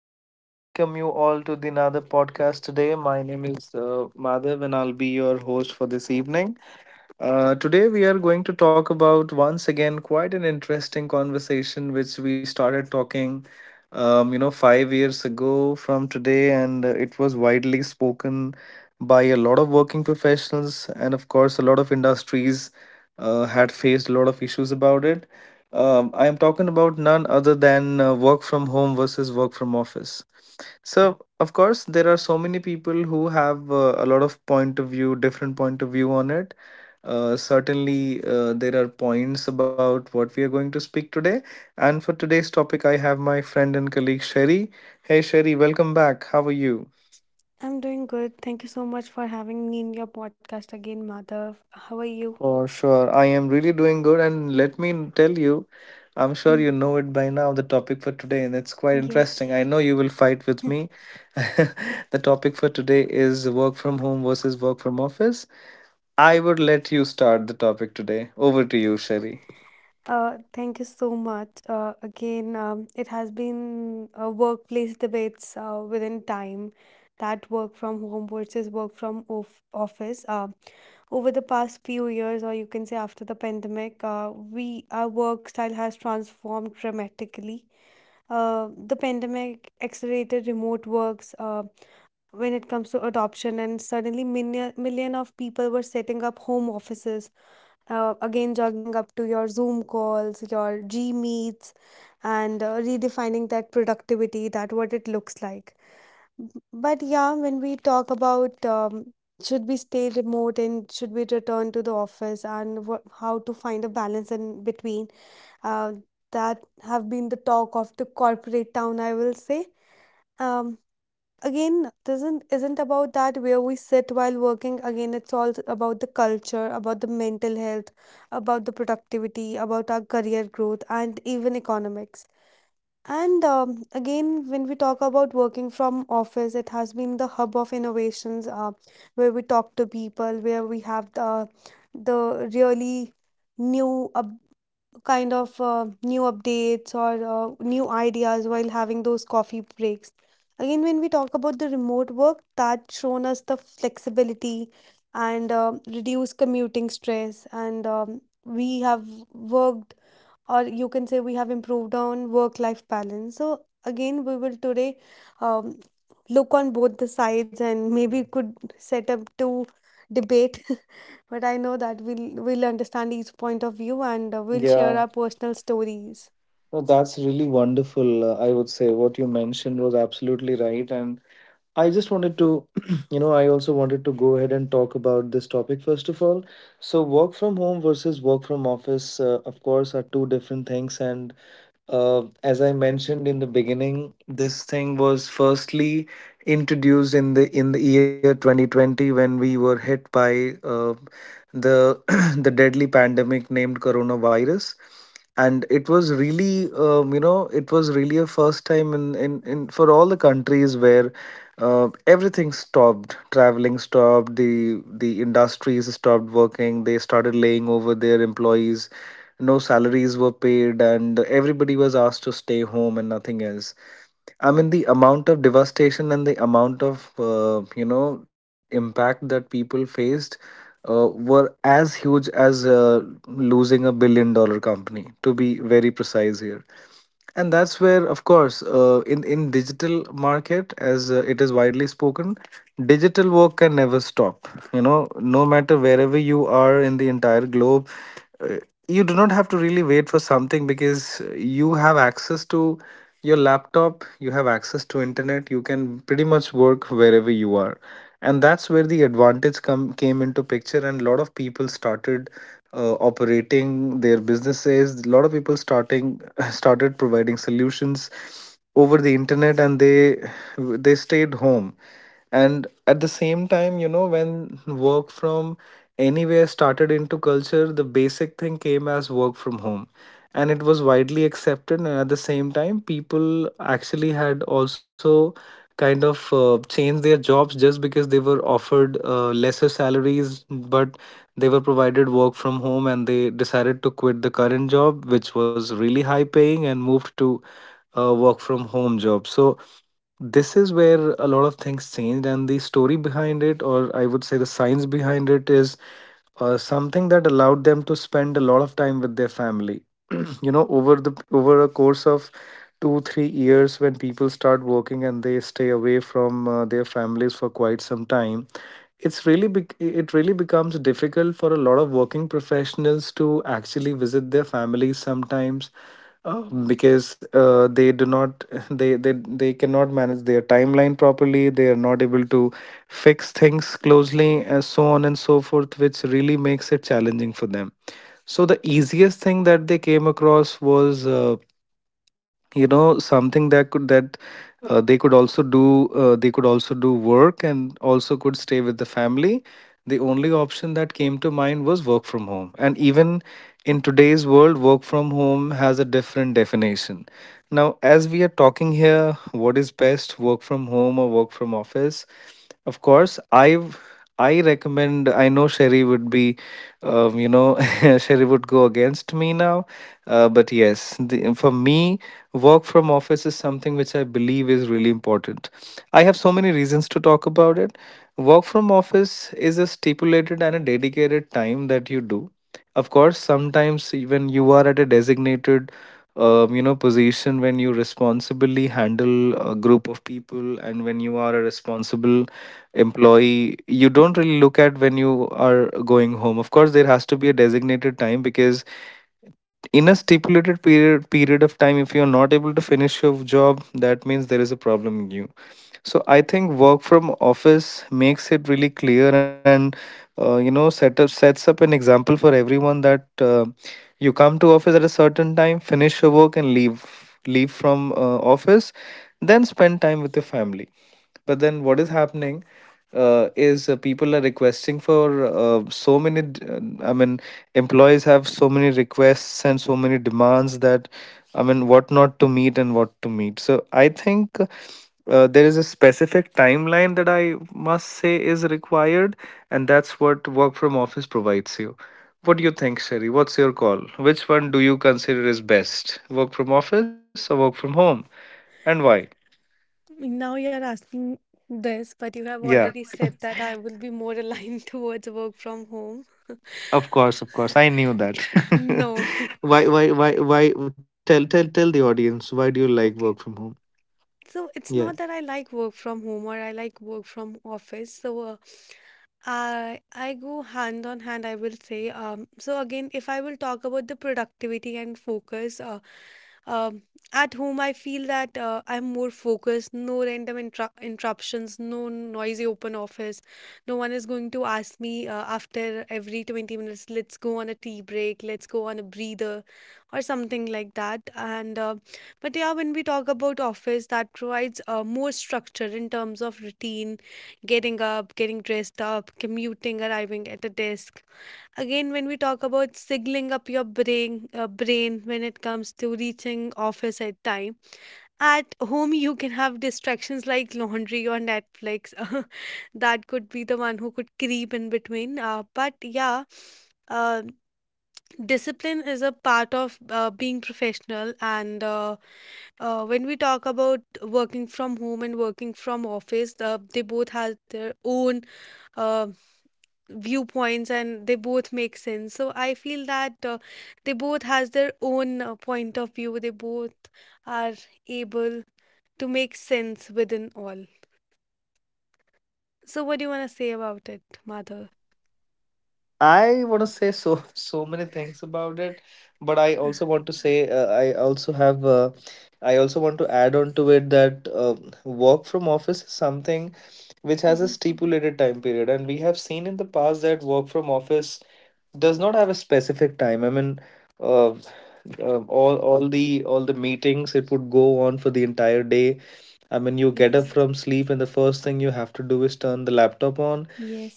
I welcome you all to the another podcast today. My name is Madhav and I'll be your host for this evening. Today, we are going to talk about once again quite an interesting conversation which we started talking, 5 years ago from today, and it was widely spoken by a lot of working professionals, and of course, a lot of industries had faced a lot of issues about it. I am talking about none other than work from home versus work from office. So, of course, there are so many people who have a lot of point of view, different point of view on it. Certainly, there are points about what we are going to speak today. And for today's topic, I have my friend and colleague Sherry. Hey, Sherry, welcome back. How are you? I'm doing good. Thank you so much for having me in your podcast again, Madhav. How are you? For sure. I am really doing good. And let me tell you, I'm sure Mm, you know it by now, the topic for today, and it's quite yes. interesting. I know you will fight with me. The topic for today is work from home versus work from office. I would let you start the topic today. Over to you, Sherry. Thank you so much. It has been workplace debates within time that work from home versus work from office. Over the past few years, or you can say after the pandemic, we our work style has transformed dramatically. The pandemic accelerated remote works. When it comes to adoption, and suddenly million of people were setting up home offices, again juggling up to your Zoom calls, your G Meets, and redefining that productivity, that what it looks like. But yeah, when we talk about, should we stay remote and should we return to the office, and wha how to find a balance in between, uh, that have been the talk of the corporate town, I will say. um, Again, doesn't, isn't about that where we sit while working. Again, it's all about the culture, about the mental health, about the productivity, about our career growth, and even economics. And again when we talk about working from office, it has been the hub of innovations, where we talk to people, where we have the really new kind of new updates or new ideas while having those coffee breaks. Again, when we talk about the remote work, that's shown us the flexibility and reduce commuting stress. And we have worked, or you can say we have improved on work life balance. So, again, we will today um, look on both the sides and maybe could set up to debate. But I know that we'll understand each point of view, and we'll share Yeah, our personal stories. no, that's really wonderful. I would say what you mentioned was absolutely right. And I just wanted to, you know, I also wanted to go ahead and talk about this topic first of all. So, work from home versus work from office, of course, are two different things. And as I mentioned in the beginning, this thing was firstly introduced in the year 2020 when we were hit by the the deadly pandemic named coronavirus. And it was really it was really a first time in for all the countries where everything stopped, traveling stopped, the industries stopped working, they started laying over their employees, no salaries were paid, and everybody was asked to stay home and nothing else. I mean, the amount of devastation and the amount of impact that people faced were as huge as losing a billion dollar company, to be very precise here. And that's where, of course, in digital market, as it is widely spoken, digital work can never stop. You know, no matter wherever you are in the entire globe, uh, you do not have to really wait for something because you have access to your laptop, you have access to internet, you can pretty much work wherever you are. And that's where the advantage come came into picture, and a lot of people started operating their businesses. A lot of people starting started providing solutions over the internet, and they stayed home. And at the same time, you know, when work from anywhere started into culture, the basic thing came as work from home, and it was widely accepted. And at the same time, people actually had also kind of changed their jobs just because they were offered lesser salaries, but they were provided work from home, and they decided to quit the current job which was really high paying and moved to a work from home job. So this is where a lot of things changed, and the story behind it, or I would say the science behind it, is something that allowed them to spend a lot of time with their family. You know, over the over a course of 2 3 years, when people start working and they stay away from their families for quite some time, it's really it really becomes difficult for a lot of working professionals to actually visit their families sometimes. uh, because they do not they cannot manage their timeline properly, they are not able to fix things closely, and so on and so forth, which really makes it challenging for them. So the easiest thing that they came across was something that they could also do, work and also could stay with the family. The only option that came to mind was work from home. And even in today's world, work from home has a different definition. Now, as we are talking here, what is best, work from home or work from office? Of course I've I recommend. I know Sherry would be, um, you know, Sherry would go against me now. But yes, for me, work from office is something which I believe is really important. I have so many reasons to talk about it. Work from office is a stipulated and a dedicated time that you do. Of course, sometimes when you are at a designated, position, when you responsibly handle a group of people and when you are a responsible employee, you don't really look at when you are going home. Of course, there has to be a designated time, because in a stipulated period of time, if you're not able to finish your job, that means there is a problem in you. So I think work from office makes it really clear and sets up an example for everyone that you come to office at a certain time, finish your work, and leave from office, then spend time with your family. But then what is happening is people are requesting for so many, I mean, employees have so many requests and so many demands that, I mean, what not to meet and what to meet. So I think there is a specific timeline that I must say is required, and that's what work from office provides you. What do you think, Sherry? What's your call? Which one do you consider is best? Work from office or work from home? And why? Now you're asking this, but you have Yeah. already said that I will be more aligned towards work from home. Of course, of course. I knew that. No. Why, why, why? Tell, tell, tell the audience. Why do you like work from Okay. home? So it's Yeah, not that I like work from home or I like work from office. So I go hand on hand, I will say. So again, if I will talk about the productivity and focus, um, at home I feel that I'm more focused, no random interruptions, no noisy open office. No one is going to ask me after every 20 minutes, let's go on a tea break, let's go on a breather, or something like that. And but yeah, when we talk about office, that provides more structure in terms of routine, getting up, getting dressed up, commuting, arriving at a desk. Again, when we talk about signaling up your brain, when it comes to reaching office at time. At home, you can have distractions like laundry or Netflix. That could be the one who could creep in between. But yeah, uh, discipline is a part of being professional and. When we talk about working from home and working from office, they both have their own uh, viewpoints, and they both make sense. So I feel that they both has their own point of view. They both are able to make sense within all. So what do you want to say about it, Mother? I want to say, so, so many things about it, but I also want to say, I also have, I also want to add on to it that work from office is something which has a Mm-hmm. stipulated time period, and we have seen in the past that work from office does not have a specific time. I mean, uh, all the meetings, it would go on for the entire day. I mean, you get up Yes. from sleep, and the first thing you have to do is turn the laptop on,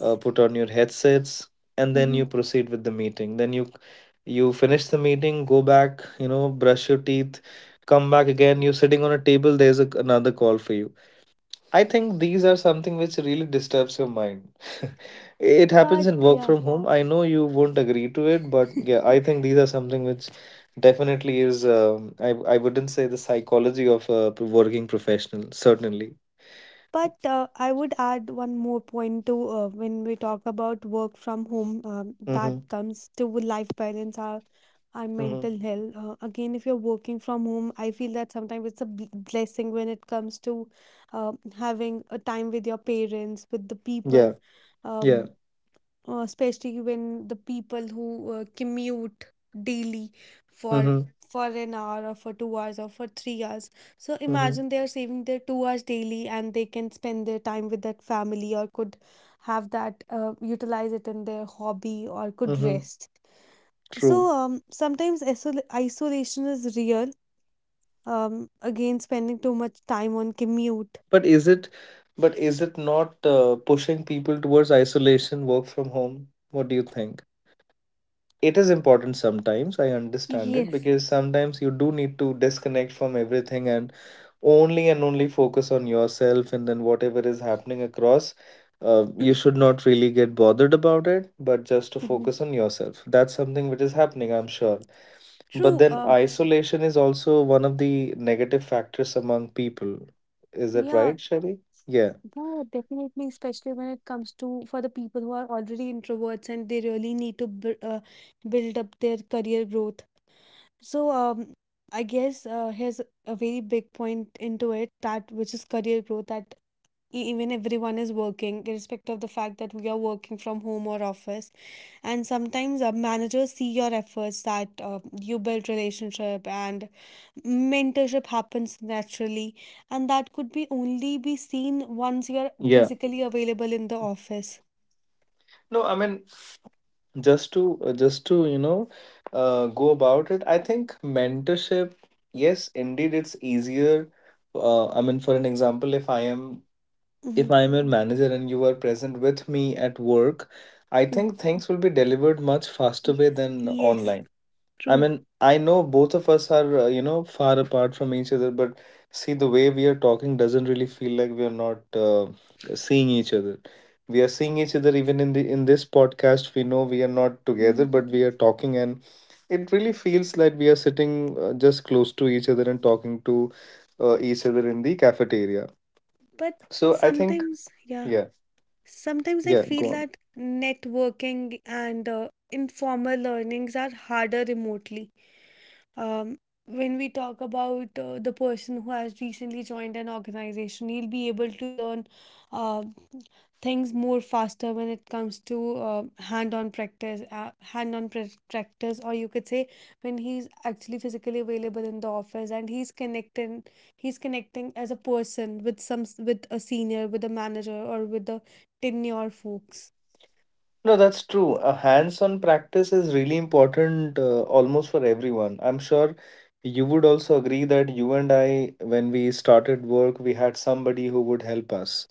put on your headsets, and then Mm-hmm. you proceed with the meeting. Then you finish the meeting, go back, you know, brush your teeth, come back again. You're sitting on a table. There's a, another call for you. I think these are something which really disturbs your mind. It happens But in work yeah. from home. I know you won't agree to it, but yeah, I think these are something which definitely is. I wouldn't say the psychology of a working professional. Certainly. But I would add one more point to when we talk about work from home, that Mm-hmm. comes to life balance our Mm-hmm. mental health. Again, if you're working from home, I feel that sometimes it's a blessing when it comes to having a time with your parents, with the Yeah. people. Yeah. Um, Especially when the people who commute daily for Mm-hmm. for an hour or for 2 hours or for 3 hours. So Mm-hmm. imagine they are saving their 2 hours daily, and they can spend their time with that family or could have that, utilize it in their hobby or could Mm-hmm. rest. So True. Sometimes isolation is real. Again spending too much time on commute. But is it? But is it not pushing people towards isolation, work from home? What do you think? It is important sometimes, I understand it, Yes. because sometimes you do need to disconnect from everything and only focus on yourself, and then whatever is happening across, you should not really get bothered about it, but just to Hmm, focus on yourself. That's something which is happening, I'm sure. But true. then isolation is also one of the negative factors among people. Is that Yeah. right, Shelly? Yeah. Yeah, definitely, especially when it comes to for the people who are already introverts, and they really need to bu build up their career growth. So, I guess here's a very big point into it, that which is career growth, that even everyone is working, irrespective of the fact that we are working from home or office. And sometimes managers see your efforts, that you build relationship and mentorship happens naturally, and that could be only be seen once you're Yeah. physically available in the office. No, I mean, just to, you know, go about it, I think mentorship, yes, indeed, it's easier. I mean, for an example, if Hmm. I am your manager and you are present with me at work, I Hmm. think things will be delivered much faster way Yes, than yes, online. I true. mean, I know both of us are, far apart from each other, but see, the way we are talking doesn't really feel like we are not seeing each other. We are seeing each other even in the in this podcast. We know we are not together, Mm. but we are talking, and it really feels like we are sitting just close to each other and talking to each other in the cafeteria. But So I think, sometimes, yeah, yeah, sometimes I yeah, feel go on. that networking and informal learnings are harder remotely. um, when we talk about the person who has recently joined an organization, he'll be able to learn uh, things more faster when it comes to hand-on practice, practice, or you could say when he's actually physically available in the office and he's connecting as a person with with a senior, with a manager, or with the tenure folks. No, that's true. A hands-on practice is really important almost for everyone. I'm sure you would also agree that you and I, when we started work, we had somebody who would help us.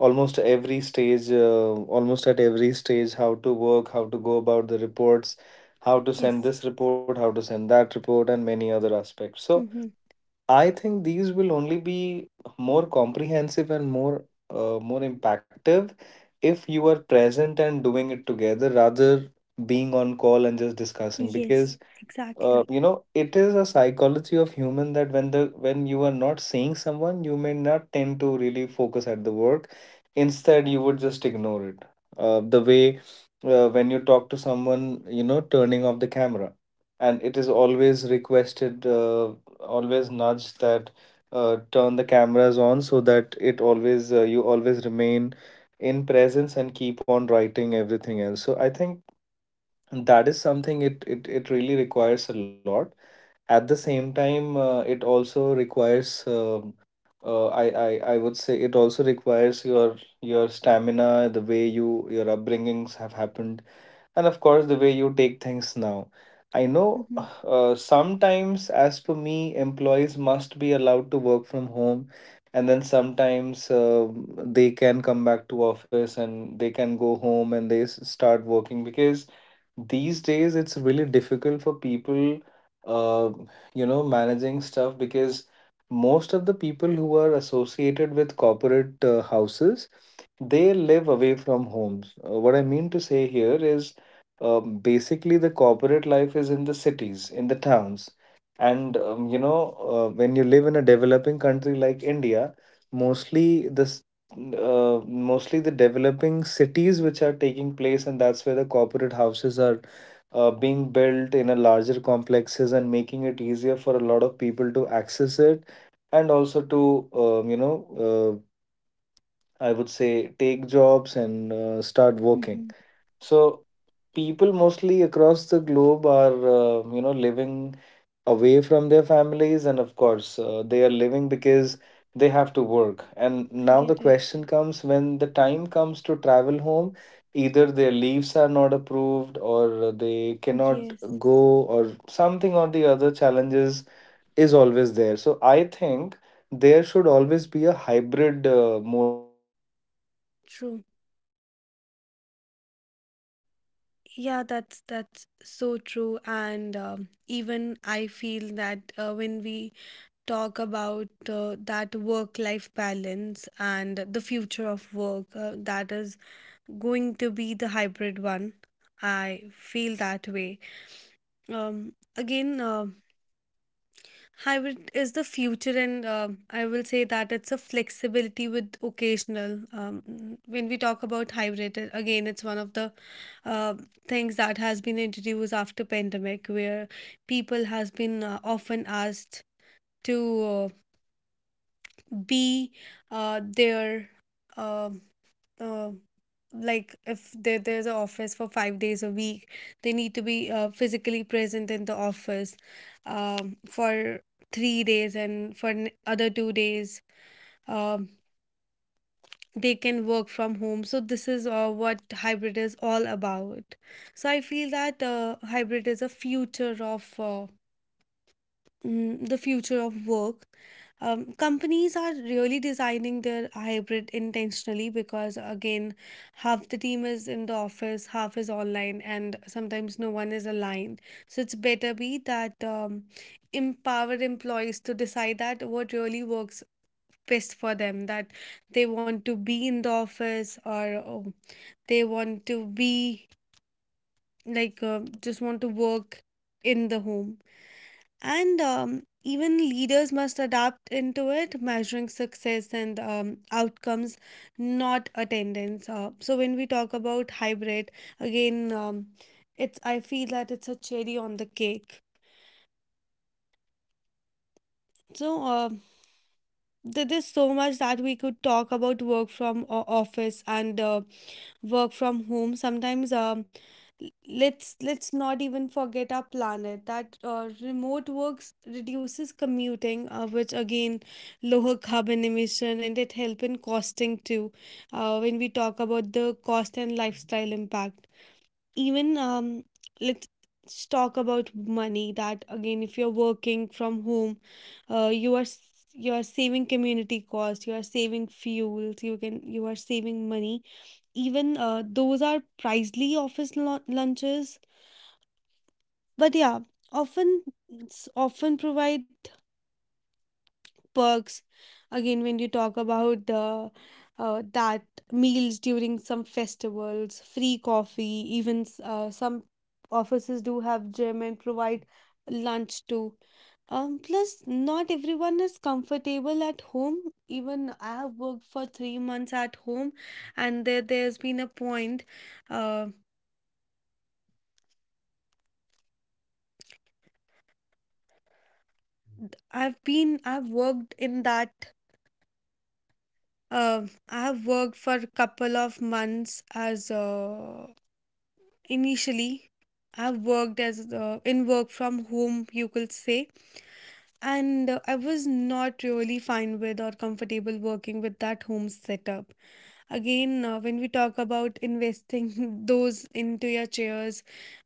Almost every stage, almost at every stage, how to work, how to go about the reports, how to send Yes. this report, how to send that report, and many other aspects. So, Mm-hmm. I think these will only be more comprehensive and more impactive if you are present and doing it together rather being on call and just discussing. Because Yes. Exactly. It is a psychology of human that when you are not seeing someone, you may not tend to really focus at the work, instead you would just ignore it. The way When you talk to someone, you know, turning off the camera, and it is always requested, always nudged that turn the cameras on, so that it always, you always remain in presence and keep on writing everything else. So I think, and that is something, it really requires a lot. At the same time, it also requires I, I would say it also requires your stamina, the way you, your upbringings have happened, and of course the way you take things now. I know Mm-hmm. Sometimes, as per me, employees must be allowed to work from home, and then sometimes they can come back to office, and they can go home and they start working, because these days it's really difficult for people, uh, managing stuff, because most of the people who are associated with corporate houses, they live away from homes. What I mean to say here is, basically the corporate life is in the cities, in the towns. And when you live in a developing country like India, mostly the s- mostly the developing cities which are taking place, and that's where the corporate houses are being built in a larger complexes, and making it easier for a lot of people to access it and also to, um, you know uh, I would say, take jobs and start working. Mm-hmm. So people mostly across the globe are, living away from their families, and of course they are living because they have to work. And I now the get it. question comes, when the time comes to travel home, either their leaves are not approved or they cannot Yes. go, or something or the other challenges is always there. So I think there should always be a hybrid True. Yeah, that's so true. And even I feel that when we talk about that work life balance and the future of work, that is going to be the hybrid one. I feel that way. Um, again, uh, Hybrid is the future, and I will say that it's a flexibility with occasional. When we talk about hybrid, again, it's one of the uh, things that has been introduced after pandemic, where people has been often asked to uh, be there uh, uh, like if there's an office for 5 days a week. They need to be physically present in the office for 3 days and for other 2 days. um, they can work from home, so this is what hybrid is all about. So I feel that hybrid is a future of the future of work. Companies are really designing their hybrid intentionally because, again, half the team is in the office, half is online, and sometimes no one is aligned. So it's better be that, empower employees to decide that what really works best for them, that they want to be in the office or, oh, they want to be just want to work in the home. And even leaders must adapt into it, measuring success and outcomes, not attendance. So when we talk about hybrid, again, it's I feel that it's a cherry on the cake. So there is so much that we could talk about work from office and work from home. Sometimes, L- let's not even forget our planet that remote works reduces commuting, which again lower carbon emission, and it help in costing too. When we talk about the cost and lifestyle impact, even, let's talk about money, that again if you're working from home, you are saving community cost, you are saving fuels, you are saving money, even those are pricely office lunches, but yeah, often often provide perks. Again, when you talk about the that meals during some festivals, free coffee, even some offices do have gym and provide lunch too. Plus not everyone is comfortable at home. Even I have worked for 3 months at home, and there's been a point, uh, I've worked in that. I have worked for a couple of months as initially. I have worked as in work from home, you could say, and I was not really fine with or comfortable working with that home setup. Again, when we talk about investing those into your chairs,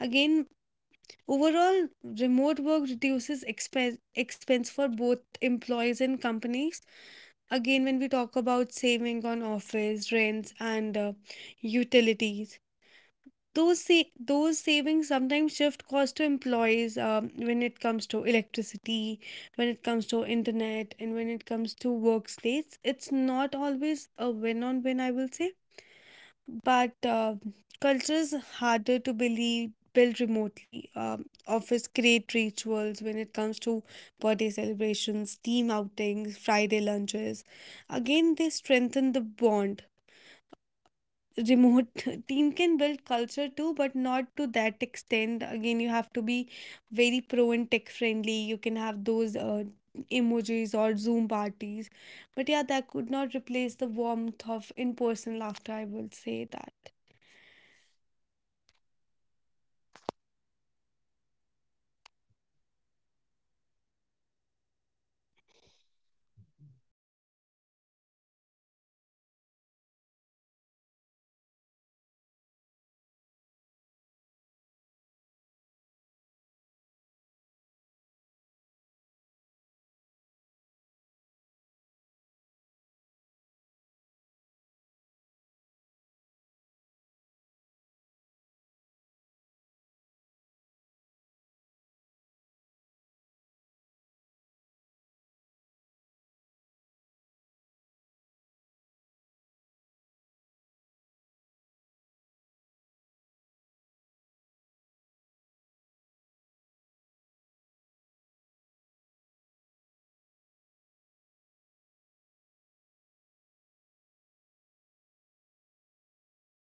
again, overall, remote work reduces expense for both employees and companies. Again, when we talk about saving on office rents and utilities, those savings sometimes shift cost to employees, when it comes to electricity, when it comes to internet, and when it comes to workspace. It's not always a win on win, I will say. But culture is harder to believe build remotely. Office create rituals when it comes to birthday celebrations, team outings, Friday lunches. Again, they strengthen the bond. Remote team can build culture too, but not to that extent. Again, you have to be very pro and tech friendly. You can have those emojis or Zoom parties, but yeah, that could not replace the warmth of in person laughter. I will say that.